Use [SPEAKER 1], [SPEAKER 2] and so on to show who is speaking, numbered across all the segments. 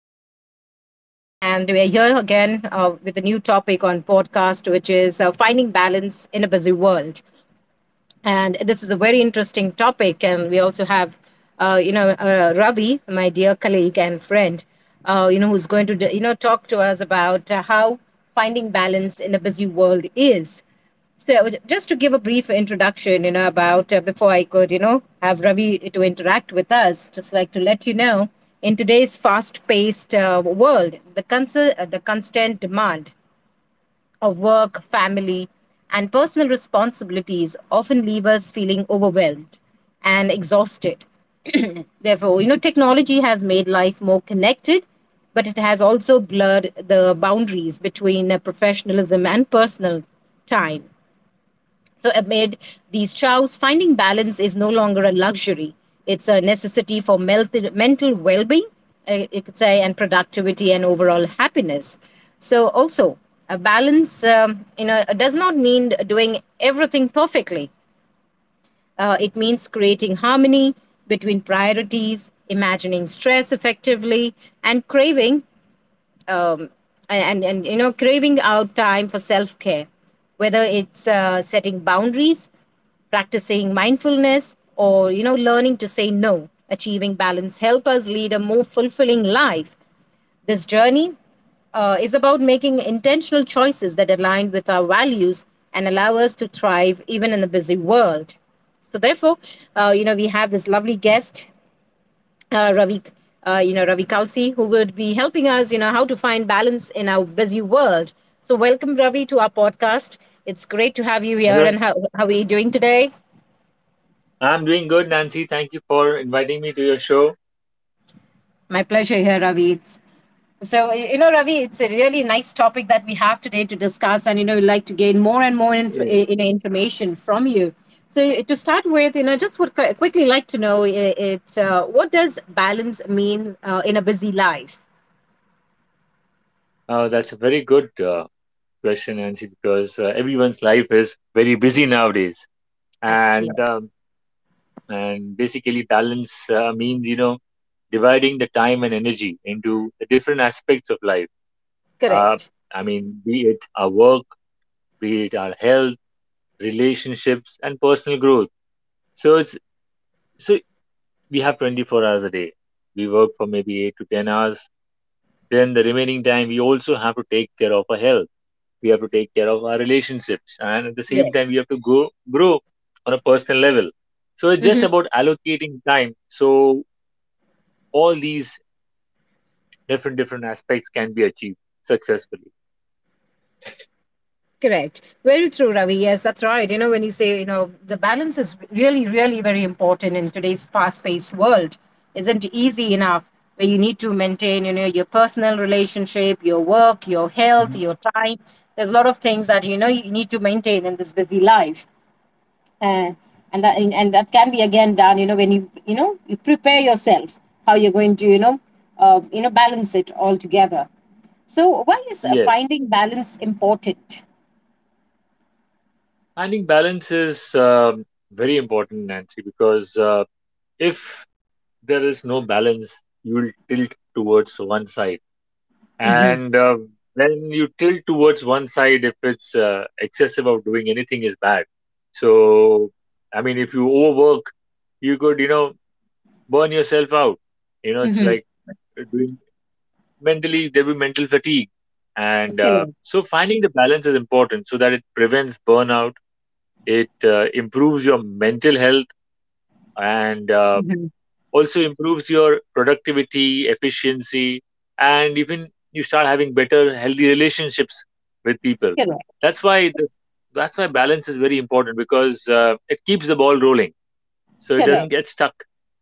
[SPEAKER 1] Your host today. And we are here again with a new topic on podcast, which is finding balance in a busy world, and this is a very interesting topic, and we also have Ravi, my dear colleague and friend, who's going to talk to us about how finding balance in a busy world is. So just to give a brief introduction about, before I could have Ravi to interact with us, just like to let you know, in today's fast paced world, the constant demand of work, family, and personal responsibilities often leave us feeling overwhelmed and exhausted. Therefore, technology has made life more connected, but it has also blurred the boundaries between professionalism and personal time. So, amid these chows, finding balance is no longer a luxury. It's a necessity for melted mental well being, you could say, and productivity and overall happiness. So, also, a balance does not mean doing everything perfectly. It means creating harmony between priorities, imagining stress effectively, and craving um, and, you know craving out time for self care, whether it's setting boundaries, practicing mindfulness, or learning to say no. Achieving balance help us lead a more fulfilling life. This journey is about making intentional choices that align with our values and allow us to thrive even in a busy world. So therefore, we have this lovely guest, Ravi, Ravi Kalsi, who would be helping us, how to find balance in our busy world. So, welcome, Ravi, to our podcast. It's great to have you here.
[SPEAKER 2] Hello,
[SPEAKER 1] And how are you doing today?
[SPEAKER 2] I'm doing good, Nancy. Thank you for inviting me to your show.
[SPEAKER 1] My pleasure here, Ravi. It's, so, you know, Ravi, it's a really nice topic that we have today to discuss. And, we'd like to gain more and more
[SPEAKER 2] Yes.
[SPEAKER 1] information from you. So, to start with, just would quickly like to know, what does balance mean in a busy life?
[SPEAKER 2] That's a very good question, Nancy, because everyone's life is very busy nowadays, and
[SPEAKER 1] Yes.
[SPEAKER 2] um, and basically balance means, you know, dividing the time and energy into the different aspects of life. Uh,
[SPEAKER 1] Correct.
[SPEAKER 2] I mean, be it our work, be it our health, relationships, and personal growth. So it's so we have 24 hours a day. We work for maybe eight to 10 hours. Then the remaining time we also have to take care of our health. We have to take care of our relationships, and at the same time we
[SPEAKER 1] Yes.
[SPEAKER 2] have to grow on a personal level. So it's just
[SPEAKER 1] Mm-hmm.
[SPEAKER 2] about allocating time. So all these different aspects can be achieved successfully.
[SPEAKER 1] Correct. Very true, Ravi. Yes, that's right. When you say, the balance is really, really very important in today's fast paced world, isn't easy enough, where you need to maintain, your personal relationship, your work, your health,
[SPEAKER 2] Mhm.
[SPEAKER 1] your time. There's a lot of things that, you need to maintain in this busy life. Uh, and that can be again done, when you prepare yourself how you're going to, balance it all together. So why is
[SPEAKER 2] Yes,
[SPEAKER 1] finding balance important?
[SPEAKER 2] finding balance is very important, Nancy, because if there is no balance, you will tilt towards one side.
[SPEAKER 1] Mm-hmm.
[SPEAKER 2] And when you tilt towards one side, if it's excessive, of doing anything is bad. So I mean if you overwork, you could, you know, burn yourself out. You know, it's
[SPEAKER 1] Mm-hmm.
[SPEAKER 2] like doing, mentally there'll be mental fatigue, and uh,
[SPEAKER 1] Correct.
[SPEAKER 2] so finding the balance is important so that it prevents burnout. It improves your mental health, and
[SPEAKER 1] Mm-hmm.
[SPEAKER 2] also improves your productivity, efficiency, and even you start having better, healthy relationships with people.
[SPEAKER 1] Correct.
[SPEAKER 2] That's why this, that's why balance is very important, because it keeps the ball rolling, so it doesn't
[SPEAKER 1] Correct.
[SPEAKER 2] get stuck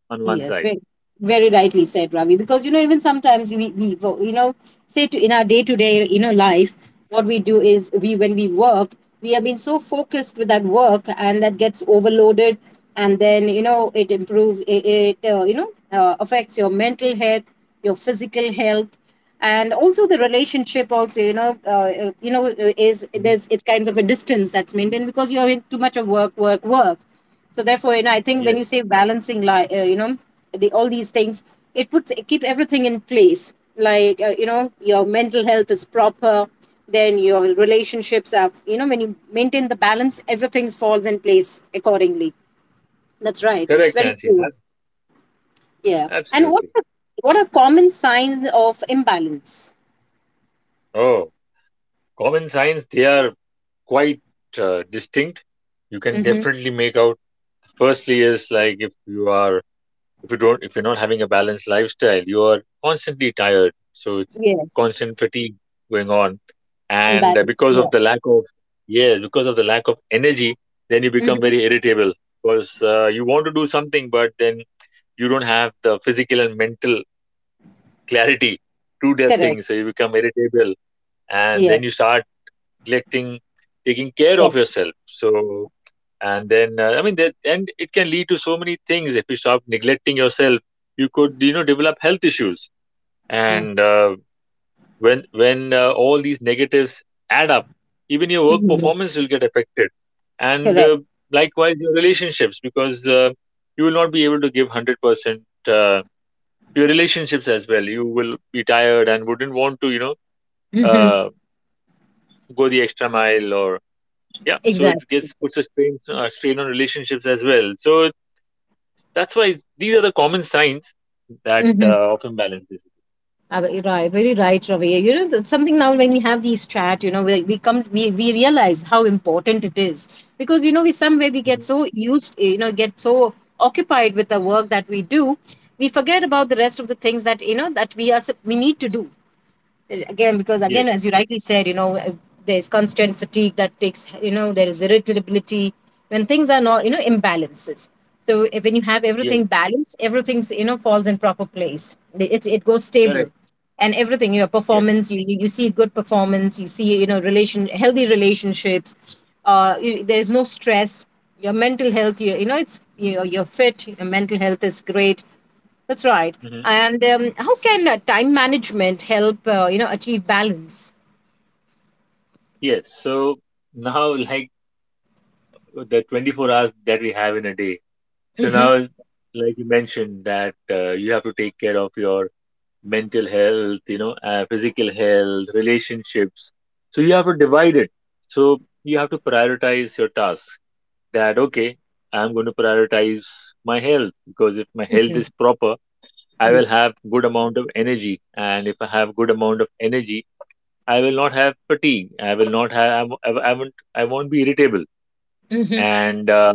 [SPEAKER 2] on one
[SPEAKER 1] Yes.
[SPEAKER 2] side.
[SPEAKER 1] Very, very rightly said, Ravi. Because even sometimes, we you know, say to, in our day to day, life, what we do is, we when we work, we have been so focused with that work, and that gets overloaded, and then it improves, it affects your mental health, your physical health, and also the relationship also, is
[SPEAKER 2] Hmm.
[SPEAKER 1] there's it's kind of a distance that's maintained because you're in too much of work, work, work. So therefore, I think when
[SPEAKER 2] Yes,
[SPEAKER 1] you say balancing, like, the, all these things, it keeps everything in place. Like, your mental health is proper, then your relationships are, when you maintain the balance, everything falls in place accordingly. That's right. It's
[SPEAKER 2] correct,
[SPEAKER 1] very
[SPEAKER 2] Nancy.
[SPEAKER 1] true. Yeah. And what
[SPEAKER 2] Absolutely.
[SPEAKER 1] are, what are common signs of imbalance?
[SPEAKER 2] Oh, common signs, they are quite distinct. You can
[SPEAKER 1] Mhm.
[SPEAKER 2] definitely make out. Firstly, is like, if you're not having a balanced lifestyle, you are constantly tired. So it's
[SPEAKER 1] Yes,
[SPEAKER 2] constant fatigue going on, and
[SPEAKER 1] imbalance.
[SPEAKER 2] because of
[SPEAKER 1] Yeah.
[SPEAKER 2] the lack of, yes, because of the lack of energy, then you become
[SPEAKER 1] Hmm.
[SPEAKER 2] very irritable, because you want to do something, but then you don't have the physical and mental clarity to that
[SPEAKER 1] Correct.
[SPEAKER 2] thing, so you become irritable. And
[SPEAKER 1] Yeah.
[SPEAKER 2] then you start neglecting taking care of
[SPEAKER 1] Stress.
[SPEAKER 2] yourself. So, and then, I mean that, and it can lead to so many things. If you stop neglecting yourself, you could, you know, develop health issues.
[SPEAKER 1] Uh,
[SPEAKER 2] And when all these negatives add up, even your work
[SPEAKER 1] hmm.
[SPEAKER 2] performance will get affected. and
[SPEAKER 1] Correct.
[SPEAKER 2] uh, likewise your relationships, because you will not be able to give 100% to your relationships as well. You will be tired and wouldn't want to, you know,
[SPEAKER 1] Hmm.
[SPEAKER 2] uh, go the extra mile, or yeah, so it
[SPEAKER 1] Exactly.
[SPEAKER 2] gets, puts a strain, strain on relationships as well. So that's why these are the common signs that
[SPEAKER 1] Mm-hmm.
[SPEAKER 2] of imbalance, basically.
[SPEAKER 1] Right, very right, Ravi. You know, that's something. Now when we have these chat, you know, we realize how important it is, because, you know, we somewhere we get
[SPEAKER 2] Hmm.
[SPEAKER 1] so used, you know, get so occupied with the work that we do, we forget about the rest of the things that, you know, that we are we need to do. Again, because
[SPEAKER 2] Yes,
[SPEAKER 1] again, as you rightly said, there's constant fatigue that takes, there is irritability when things are not, imbalances. So if, when you have
[SPEAKER 2] yes,
[SPEAKER 1] everything balanced, everything's, falls in proper place, it goes
[SPEAKER 2] correct.
[SPEAKER 1] stable, and everything, your
[SPEAKER 2] Yes,
[SPEAKER 1] performance, you see good performance, you see, relation, healthy relationships, you, there's no stress, your mental health, you know it's, you're fit, your mental health is great. That's right.
[SPEAKER 2] hmm,
[SPEAKER 1] And how can time management help, achieve balance?
[SPEAKER 2] yes. So now, like the 24 hours that we have in a day. So now,
[SPEAKER 1] Mm-hmm.
[SPEAKER 2] like you mentioned, that you have to take care of your mental health, you know, physical health, relationships. So you have to divide it. So you have to prioritize your tasks. That okay, I'm going to prioritize my health, because if my health
[SPEAKER 1] Mm-hmm.
[SPEAKER 2] is proper, I
[SPEAKER 1] Yeah.
[SPEAKER 2] will have good amount of energy, and if I have good amount of energy, I will not have fatigue. I will not have I will not I, w- I won't. I won't be irritable,
[SPEAKER 1] Mm-hmm.
[SPEAKER 2] and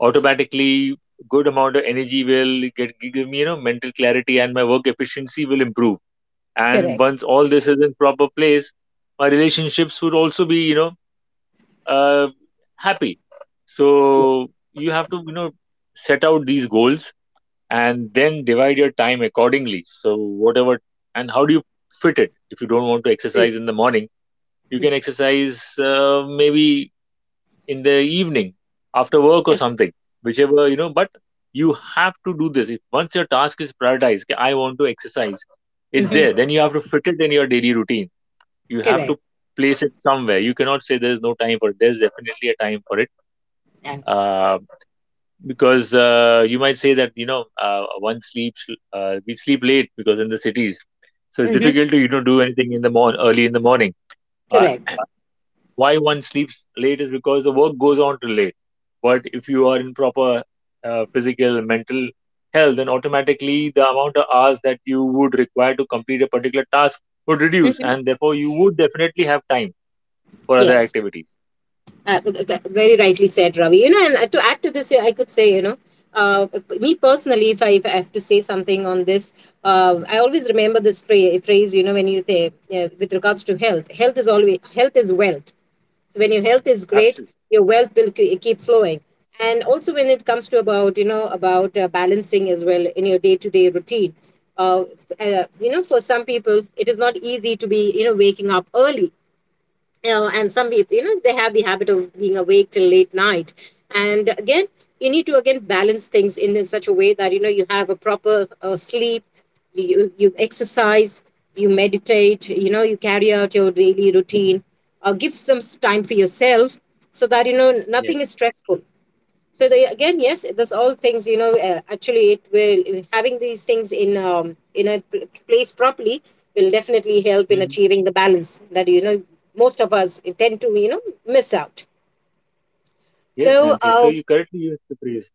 [SPEAKER 2] automatically, good amount of energy will get give me, you know, mental clarity, and my work efficiency will improve. And
[SPEAKER 1] Correct.
[SPEAKER 2] once all this is in proper place, my relationships would also be, you know, uh, happy.
[SPEAKER 1] Yeah.
[SPEAKER 2] So you have to, you know, set out these goals and then divide your time accordingly. So, whatever, and how do you fit it? If you don't want to exercise
[SPEAKER 1] Correct.
[SPEAKER 2] in the morning, you can exercise maybe in the evening after work or something, whichever, you know. But you have to do this. If once your task is prioritized, "Okay, I want to exercise," it's there.
[SPEAKER 1] Mm-hmm.
[SPEAKER 2] Then you have to fit it in your daily routine. You have
[SPEAKER 1] Correct.
[SPEAKER 2] to place it somewhere. You cannot say there is no time for it. There is definitely a time for it. Uh, because you might say that, you know, one sleeps, we sleep late because in the cities, so it's
[SPEAKER 1] Mm-hmm.
[SPEAKER 2] difficult to, you know, do anything in the morning, early in the morning. uh,
[SPEAKER 1] Correct.
[SPEAKER 2] why one sleeps late is because the work goes on till late. But if you are in proper physical, mental health, then automatically the amount of hours that you would require to complete a particular task would reduce,
[SPEAKER 1] Mm-hmm.
[SPEAKER 2] and therefore you would definitely have time for other
[SPEAKER 1] Yes.
[SPEAKER 2] activities.
[SPEAKER 1] Very rightly said, Ravi. You know, and to add to this, I could say, you know, uh, me personally, if I have to say something on this, I always remember this phrase, you know, when you say, with regards to health, health is always health is wealth. So when your health is great,
[SPEAKER 2] Absolutely.
[SPEAKER 1] your wealth will keep flowing. And also when it comes to about, you know, about balancing as well in your day to day routine, uh, you know, for some people it is not easy to be, you know, waking up early, and some people, you know, they have the habit of being awake till late night, and again, you need to again balance things in such a way that, you know, you have a proper sleep, you exercise, you meditate, you know, you carry out your daily routine, give some time for yourself, so that, you know,
[SPEAKER 2] Yeah.
[SPEAKER 1] nothing is stressful. So they, again, yes, that's all things, you know. Actually, it will, having these things in, in a place properly, will definitely help in
[SPEAKER 2] Hmm.
[SPEAKER 1] achieving the balance that, you know, most of us tend to, you know, miss out.
[SPEAKER 2] Yes,
[SPEAKER 1] So
[SPEAKER 2] Nancy, so
[SPEAKER 1] uh,
[SPEAKER 2] you correctly used the phrase.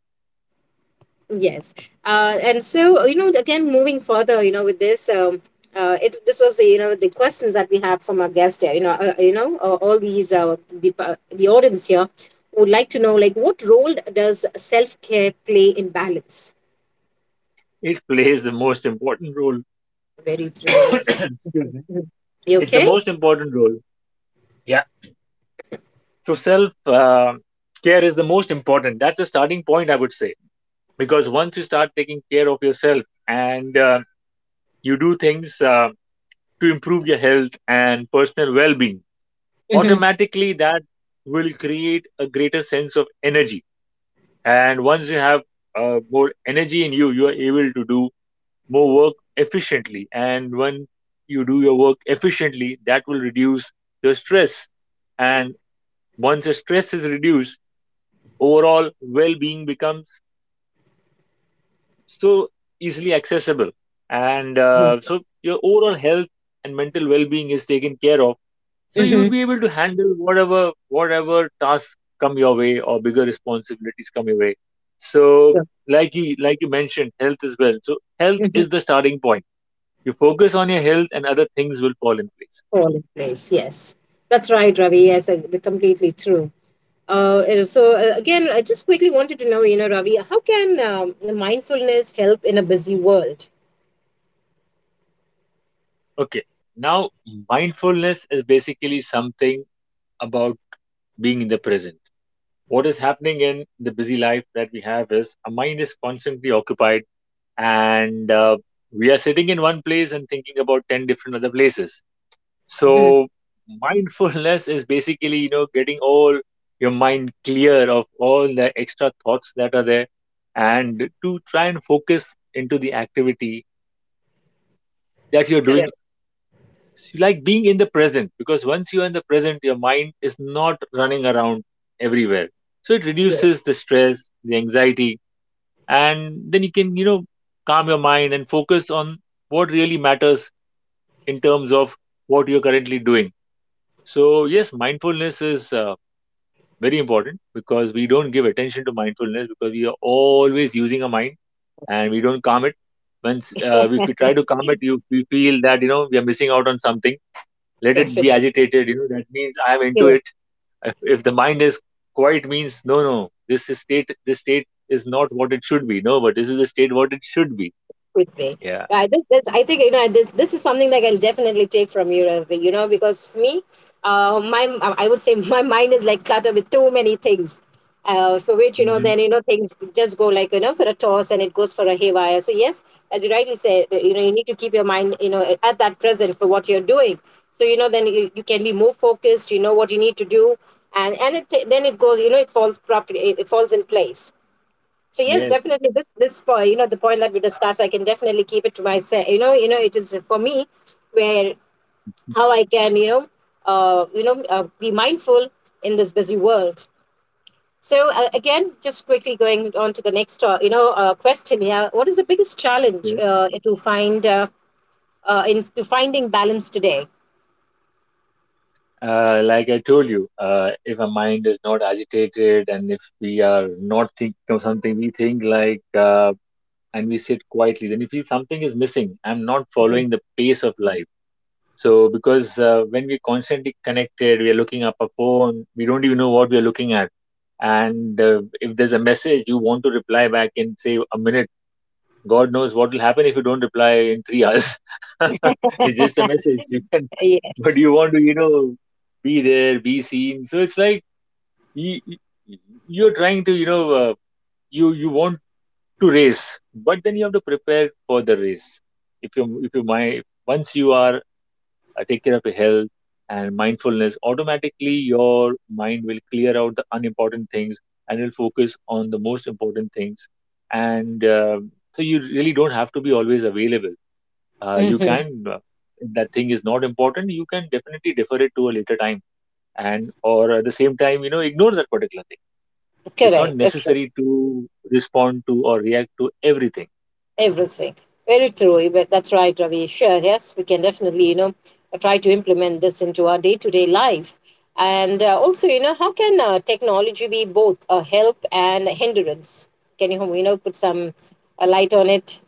[SPEAKER 1] yes, and so, you know, again moving further, you know, with this. It, this was the, you know, the questions that we have from our guest here, all these, the uh, the audience here would like to know, like, what role does self care play in balance?
[SPEAKER 2] It plays the most important role.
[SPEAKER 1] Very true. Yes.
[SPEAKER 2] Excuse me.
[SPEAKER 1] Mhm. You
[SPEAKER 2] It's the
[SPEAKER 1] okay?
[SPEAKER 2] most important role. Yeah. So self care is the most important. That's the starting point, I would say. Because once you start taking care of yourself and you do things to improve your health and personal well being,
[SPEAKER 1] Hmm.
[SPEAKER 2] automatically that will create a greater sense of energy. And once you have more energy in you, you are able to do more work efficiently. And when you do your work efficiently, that will reduce your stress. And once your stress is reduced, overall well being becomes so easily accessible. And uh,
[SPEAKER 1] Hmm.
[SPEAKER 2] so your overall health and mental well being is taken care of. So you will
[SPEAKER 1] Hmm.
[SPEAKER 2] be able to handle whatever tasks come your way, or bigger responsibilities come your way. So
[SPEAKER 1] Yeah.
[SPEAKER 2] like you mentioned, health is well. So health is
[SPEAKER 1] Hmm.
[SPEAKER 2] the starting point. You focus on your health and other things will fall in place.
[SPEAKER 1] All in place. Yes, that's right, Ravi. Yes, completely true. And so, again, I just quickly wanted to know, you know, Ravi, how can, the mindfulness help in a busy world?
[SPEAKER 2] Okay. Now, mindfulness is basically something about being in the present. What is happening in the busy life that we have is our mind is constantly occupied, and we are sitting in one place and thinking about 10 different other places.
[SPEAKER 1] Hmm.
[SPEAKER 2] So, mindfulness is basically, you know, getting all your mind clear of all the extra thoughts that are there, and to try and focus into the activity that you're doing,
[SPEAKER 1] Correct.
[SPEAKER 2] you like, being in the present, because once you're in the present, your mind is not running around everywhere. So it
[SPEAKER 1] Yes,
[SPEAKER 2] reduces the stress, the anxiety, and then you can, you know, calm your mind and focus on what really matters in terms of what you're currently doing. So yes, mindfulness is very important, because we don't give attention to mindfulness, because we are always using our mind and we don't calm it. Once uh, if we try to calm it, you, we feel that, you know, we are missing out on something. Let it be
[SPEAKER 1] definitely.
[SPEAKER 2] agitated, you know, that means I am into
[SPEAKER 1] Yeah.
[SPEAKER 2] it. If the mind is quiet, means no, no, this is state, this state is not what it should be. No, but this is the state what it should be.
[SPEAKER 1] With me.
[SPEAKER 2] Yeah.
[SPEAKER 1] Right. This I think, you know, this is something that I can definitely take from you, Ravi, you know, because me, my, I would say my mind is like cluttered with too many things, for which, you know,
[SPEAKER 2] Hmm.
[SPEAKER 1] then, you know, things just go, like, you know, for a toss, and it goes for a haywire. So yes, as you rightly said, you know, you need to keep your mind, you know, at that present for what you're doing, so, you know, then you can be more focused, you know, what you need to do, and it, then it goes, you know, it falls properly, it falls in place. So yes,
[SPEAKER 2] Yes.
[SPEAKER 1] definitely, this point, you know, the point that we discussed, I can definitely keep it to myself. You know, it is for me, where how I can, you know, be mindful in this busy world. So again, just quickly going on to the next, question here. What is the biggest challenge
[SPEAKER 2] Yeah.
[SPEAKER 1] to find in to finding balance today?
[SPEAKER 2] Like I told you, if our mind is not agitated and if we are not thinking of something, we think like, and we sit quietly, then we feel something is missing. I'm not following the pace of life. So, because when we're constantly connected, we are looking up a phone, we don't even know what we are looking at. And if there's a message, you want to reply back in, say, a minute, God knows what will happen if you don't reply in 3 hours. It's just a
[SPEAKER 1] Mhm.
[SPEAKER 2] message. You can, but
[SPEAKER 1] Yes.
[SPEAKER 2] you want to, you know, be there, be seen. So it's like you, you're trying to, you know, you you want to race, but then you have to prepare for the race. If, you if you mind, once you are, take care of your health and mindfulness, automatically your mind will clear out the unimportant things and will focus on the most important things. And so you really don't have to be always available. Uh, you
[SPEAKER 1] Hmm.
[SPEAKER 2] can, uh, if that thing is not important, you can definitely defer it to a later time. And or at the same time, you know, ignore that particular thing. It's not
[SPEAKER 1] Correct. Okay.
[SPEAKER 2] necessary to respond to or react to everything.
[SPEAKER 1] Everything. Very true. But that's right, Ravi. Sure. Yes, we can definitely, you know, try to implement this into our day to day life. And also, you know, how can technology be both a help and a hindrance? Can you, you know, put some light on it?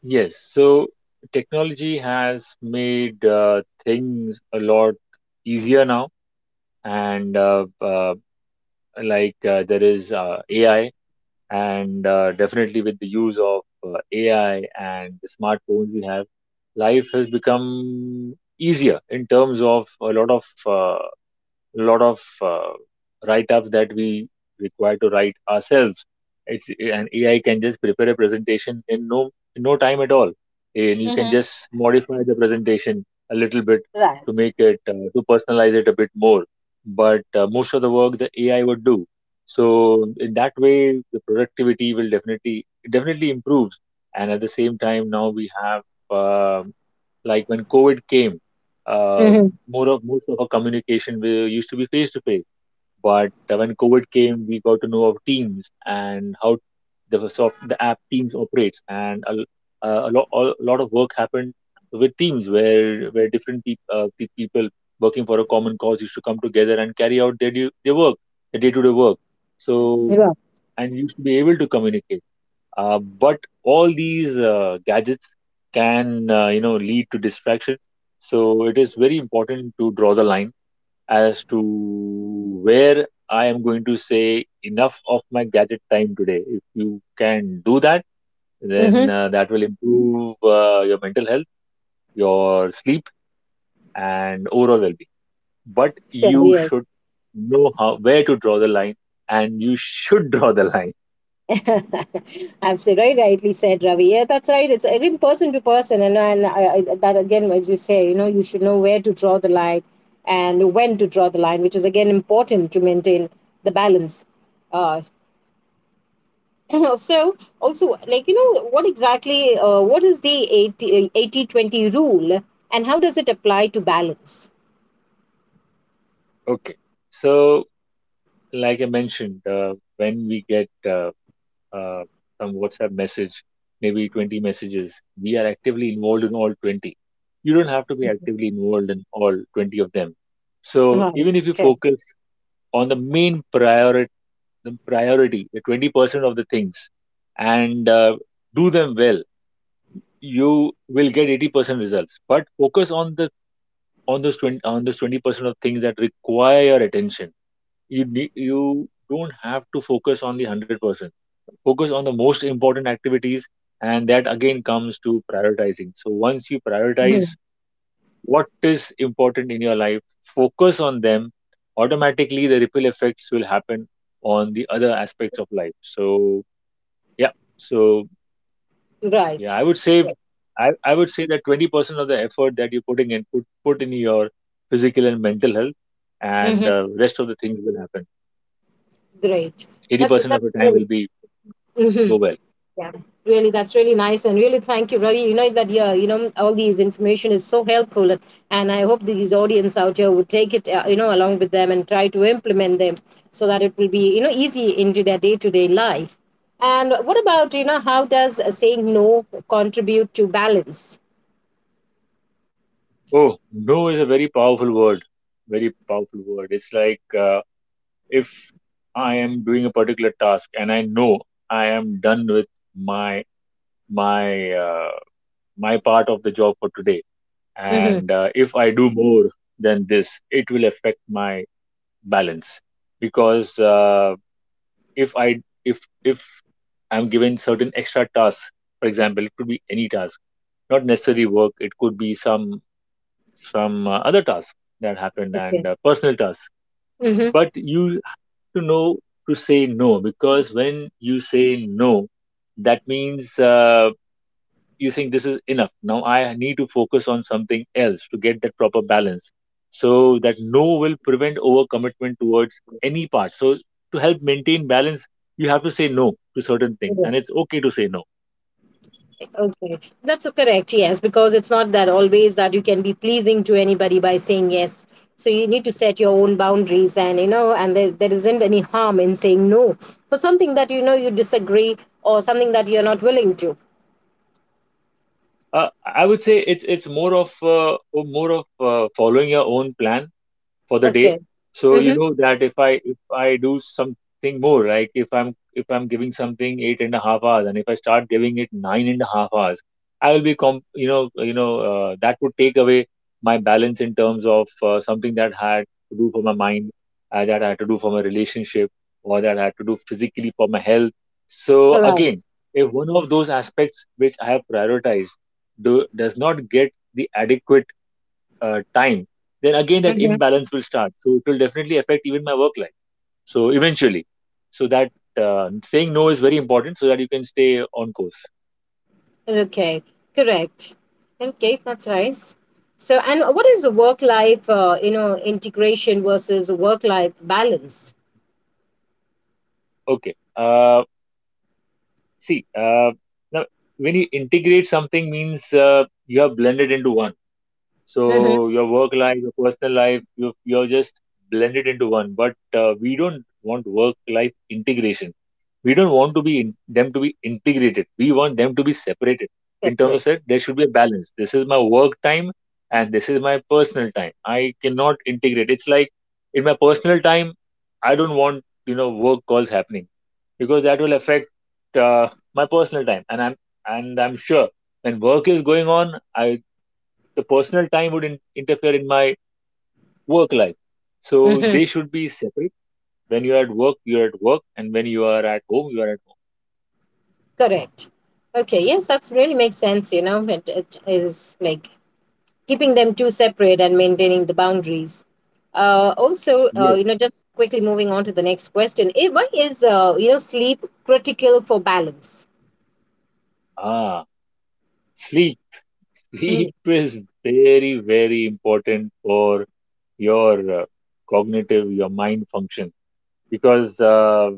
[SPEAKER 2] Yes, so technology has made things a lot easier now, and like there is AI, and definitely with the use of AI and the smartphones we have, life has become easier in terms of a lot of write-ups that we require to write ourselves. It's an AI can just prepare a presentation in no time at all, and you can just modify the presentation a little bit to make it to personalize it a bit more. But most of the work the AI would do. So in that way, the productivity will definitely, it definitely improves. And at the same time, now we have um like when COVID came, uh,
[SPEAKER 1] Mm-hmm.
[SPEAKER 2] more of most of our communication we used to be face to face. But when COVID came, we got to know of Teams and how the app Teams operates, and a lot a lot of work happened with Teams where different people working for a common cause used to come together and carry out their their work, their day to day work. So
[SPEAKER 1] Rob.
[SPEAKER 2] and used to be able to communicate. But all these gadgets can, you know, lead to distractions. So it is very important to draw the line as to where I am going to say enough of my gadget time today. If you can do that,
[SPEAKER 1] Mm-hmm.
[SPEAKER 2] then that will improve your mental health, your sleep, and overall well-being. But
[SPEAKER 1] Sure.
[SPEAKER 2] you
[SPEAKER 1] Yes.
[SPEAKER 2] should know how where to draw the line, and you should draw the line.
[SPEAKER 1] Absolutely rightly said, Ravi. Yeah, that's right. It's again person to person, and that again, as you say, you know, you should know where to draw the line and when to draw the line, which is again important to maintain the balance. Uh, so also, like, you know, what exactly, what is the eighty twenty rule, and how does it apply to balance?
[SPEAKER 2] Okay. So like I mentioned, when we get uh, some WhatsApp message, maybe 20 messages, we are actively involved in all 20. You don't have to be actively involved in all 20 of them. So
[SPEAKER 1] Right.
[SPEAKER 2] even if you
[SPEAKER 1] Sure.
[SPEAKER 2] focus on the main priority, the 20% of the things, and do them well, you will get 80% results. But focus on the on those 20% of things that require your attention. You need you don't have to focus on the 100%. Focus on the most important activities, and that again comes to prioritizing. So once you prioritize
[SPEAKER 1] Mhm.
[SPEAKER 2] what is important in your life, focus on them. Automatically the ripple effects will happen on the other aspects of life. So yeah, so yeah,
[SPEAKER 1] Right.
[SPEAKER 2] I would say, I would say that 20% of the effort that you're putting in, put in your physical and mental health, and
[SPEAKER 1] Yeah.
[SPEAKER 2] rest of the things will happen.
[SPEAKER 1] Great. That's
[SPEAKER 2] 80% of
[SPEAKER 1] that's
[SPEAKER 2] the time
[SPEAKER 1] really.
[SPEAKER 2] will be
[SPEAKER 1] Hmm.
[SPEAKER 2] go well.
[SPEAKER 1] Yeah, really, that's really nice, and really thank you, Ravi. You know that, yeah, all these information is so helpful, and I hope these audience out here would take it, along with them and try to implement them so that it will be easy into their day to day life. And what about how does saying no contribute to balance?
[SPEAKER 2] Oh, no is a very powerful word. Very powerful word. It's like, if I am doing a particular task and I know I am done with my my my part of the job for today,
[SPEAKER 1] Mm-hmm.
[SPEAKER 2] and if I do more than this, it will affect my balance, because if I'm given certain extra tasks, for example. It could be any task, not necessarily work. It could be some other tasks that happen
[SPEAKER 1] Okay.
[SPEAKER 2] and personal tasks.
[SPEAKER 1] Mm-hmm.
[SPEAKER 2] But you have to know to say no, because when you say no, that means you think this is enough. Now I need to focus on something else to get that proper balance. So that no will prevent overcommitment towards any part. So to help maintain balance, you have to say no to certain things,
[SPEAKER 1] Yeah.
[SPEAKER 2] and it's okay to say no.
[SPEAKER 1] Okay, that's correct. Yes, because it's not that always that you can be pleasing to anybody by saying yes. So you need to set your own boundaries, and and there isn't any harm in saying no for something that you disagree or something that you're not willing to.
[SPEAKER 2] I would say it's more of, following your own plan for the day.
[SPEAKER 1] Okay.
[SPEAKER 2] So you
[SPEAKER 1] Mm-hmm.
[SPEAKER 2] know that if I do something more, like if I'm giving something 8.5 hours and if I start giving it 9.5 hours, I will you know, that would take away my balance in terms of something that had to do for my mind, that I had to do for my relationship, or that I had to do physically for my health. So
[SPEAKER 1] All right.
[SPEAKER 2] again, if one of those aspects which I have prioritized does not get the adequate time, then again that
[SPEAKER 1] Mm-hmm.
[SPEAKER 2] imbalance will start. So it will definitely affect even my work life. So eventually, so that saying no is very important so that you can stay on course.
[SPEAKER 1] Okay. Correct. Okay, that's nice. So, and what is the work life, integration versus work life balance?
[SPEAKER 2] Okay. See, now when you integrate something means you have blended into one.
[SPEAKER 1] Mm-hmm.
[SPEAKER 2] So your work life, your personal life, you're just blended into one. But we don't want work life integration. We don't want to be them to be integrated. We want them to be separated. In terms of
[SPEAKER 1] Separate.
[SPEAKER 2] that, there should be a balance. This is my work time and this is my personal time. I cannot integrate. It's like in my personal time, I don't want, you know, work calls happening, because that will affect uh, my personal time. And I'm sure when work is going on, I the personal time would interfere in my work life. So
[SPEAKER 1] Mhm.
[SPEAKER 2] they should be separate. When you are at work, you are at work, and when you are at home, you are at home.
[SPEAKER 1] Correct. Okay. Yes, that's really makes sense. You know, it is like keeping them two separate and maintaining the boundaries. Also,
[SPEAKER 2] Yes.
[SPEAKER 1] just quickly moving on to the next question. Why is, sleep critical for balance?
[SPEAKER 2] Ah, sleep.
[SPEAKER 1] Hmm,
[SPEAKER 2] Sleep is very, very important for your cognitive, your mind function, because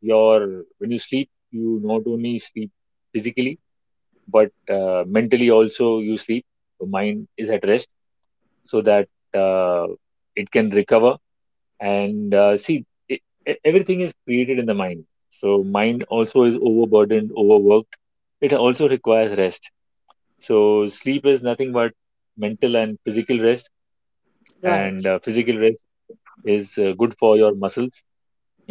[SPEAKER 2] your when you sleep, you not only sleep physically but mentally also you sleep. Your mind is at rest so that uh, it can recover, and see, everything is created in the mind. So mind also is overburdened, overworked, it also requires rest. So sleep is nothing but mental and physical rest, and
[SPEAKER 1] right.
[SPEAKER 2] physical rest is good for your muscles.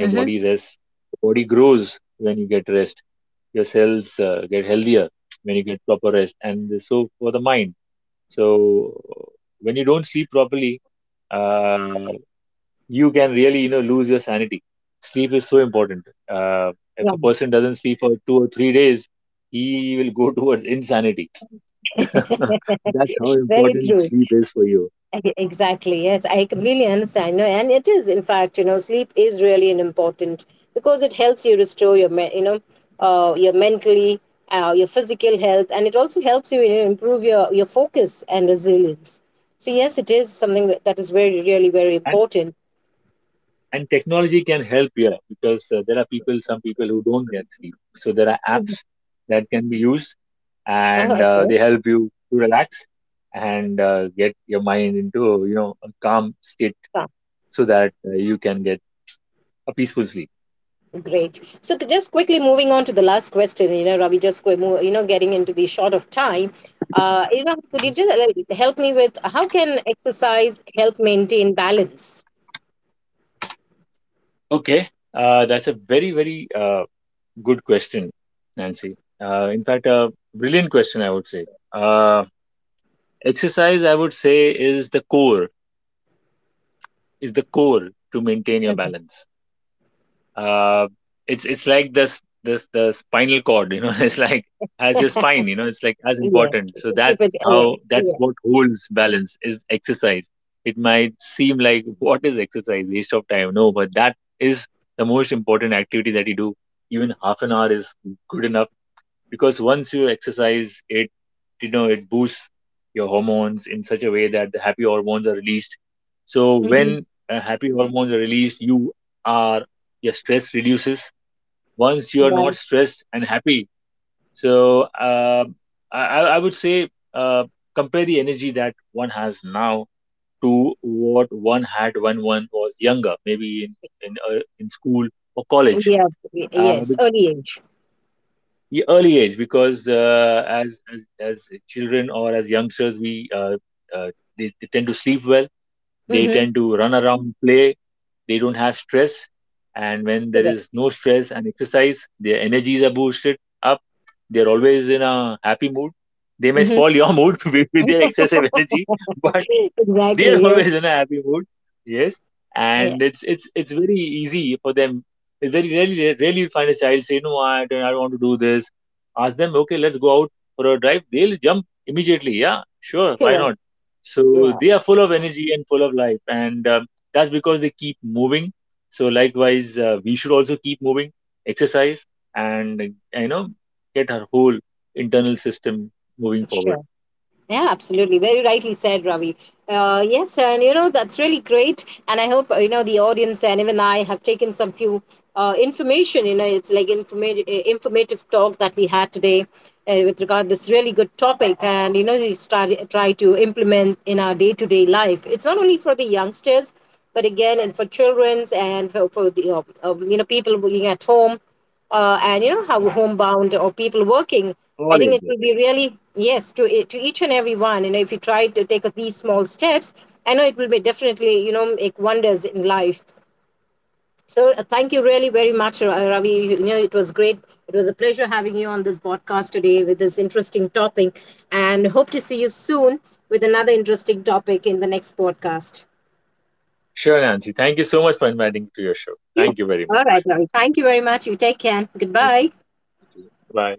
[SPEAKER 2] Your body rests, your body grows when you get rest, your cells get healthier when you get proper rest, and so for the mind. So when you don't sleep properly, uh, you can really, you know, lose your sanity. Sleep is so important. uh, if a
[SPEAKER 1] Right.
[SPEAKER 2] person doesn't sleep for 2 or 3 days, he will go towards insanity. That's how
[SPEAKER 1] Very
[SPEAKER 2] important
[SPEAKER 1] true.
[SPEAKER 2] sleep is for you.
[SPEAKER 1] Exactly. Yes, I completely understand. No, and it is, in fact, sleep is really an important because it helps you restore your mentally, your physical health, and it also helps you, improve your focus and resilience. So yes, it is something that is very, really, very
[SPEAKER 2] And
[SPEAKER 1] important.
[SPEAKER 2] technology can help here, because there are people, some people, who don't get sleep, so there are apps
[SPEAKER 1] Mhm.
[SPEAKER 2] that can be used, and
[SPEAKER 1] Okay.
[SPEAKER 2] they help you to relax and get your mind into, you know, a calm state, so that you can get a peaceful sleep.
[SPEAKER 1] Great. So just quickly moving on to the last question, Ravi, just qu- mo- you know, getting into the short of time. Could you just like, help me with how can exercise help maintain balance?
[SPEAKER 2] Okay, that's a very, very good question, Nancy. In fact, a brilliant question, I would say. Uh, Exercise, I would say, is the core to maintain your
[SPEAKER 1] Mhm.
[SPEAKER 2] balance. uh, it's like this the spinal cord, you know, it's like as your spine, you know, it's like as
[SPEAKER 1] Yeah,
[SPEAKER 2] important. So
[SPEAKER 1] to keep it.
[SPEAKER 2] that's how, that's
[SPEAKER 1] Yeah,
[SPEAKER 2] what holds balance, is exercise. It might seem like what is exercise, waste of time, no, but that is the most important activity that you do. Even half an hour is good enough, because once you exercise it, you know, it boosts your hormones in such a way that the happy hormones are released. So
[SPEAKER 1] hmm,
[SPEAKER 2] when happy hormones are released, are your stress reduces. Once you are not
[SPEAKER 1] right.
[SPEAKER 2] stressed and happy, so I, I would say, compare the energy that one has now to what one had when one was younger, maybe in, in school or
[SPEAKER 1] In
[SPEAKER 2] college.
[SPEAKER 1] the
[SPEAKER 2] uh,
[SPEAKER 1] yes, early age.
[SPEAKER 2] Ye- early age, because as children or as youngsters we, uh, they tend to sleep well, they
[SPEAKER 1] Mm-hmm.
[SPEAKER 2] tend to run around, play, they don't have stress, and when there is
[SPEAKER 1] Correct.
[SPEAKER 2] no stress and exercise, their energies are boosted up. They're always in a happy mood. They may
[SPEAKER 1] Mm-hmm.
[SPEAKER 2] spoil your mood with, their excessive energy, but they are
[SPEAKER 1] Exactly. Yes.
[SPEAKER 2] always in a happy mood. Yes,
[SPEAKER 1] Yeah.
[SPEAKER 2] and it's very easy for them. It's very rarely you'll find a child say, no, I don't want to do this. Ask them, okay, let's go out for a drive, they'll jump immediately, yeah, sure, why
[SPEAKER 1] Correct.
[SPEAKER 2] not. So
[SPEAKER 1] Yeah.
[SPEAKER 2] they are full of energy and full of life, and that's because they keep moving. So likewise, we should also keep moving, exercise, and, you know, get our whole internal system moving forward.
[SPEAKER 1] Sure. Yeah, absolutely. Very rightly said, Ravi. Yes, and that's really great. And I hope, the audience and even I have taken some few information. You know, it's like informative talk that we had today with regard this really good topic. And, we try to implement in our day to day life. It's not only for the youngsters, but again, and for children's and for the, people working at home and how
[SPEAKER 2] Okay.
[SPEAKER 1] homebound or people working, I
[SPEAKER 2] All
[SPEAKER 1] think it
[SPEAKER 2] ages.
[SPEAKER 1] will be really, yes, to to each and every one. If you try to take these small steps, I know it will be definitely, make wonders in life. So thank you really very much, Ravi. It was great. It was a pleasure having you on this podcast today with this interesting topic, and hope to see you soon with another interesting topic in the next podcast.
[SPEAKER 2] Sure, Nancy. Thank you so much for inviting me to your show.
[SPEAKER 1] Yes,
[SPEAKER 2] Thank you very
[SPEAKER 1] all right,
[SPEAKER 2] much.
[SPEAKER 1] Ravi, thank you very much, you take care,
[SPEAKER 2] Okay.
[SPEAKER 1] goodbye.
[SPEAKER 2] Bye.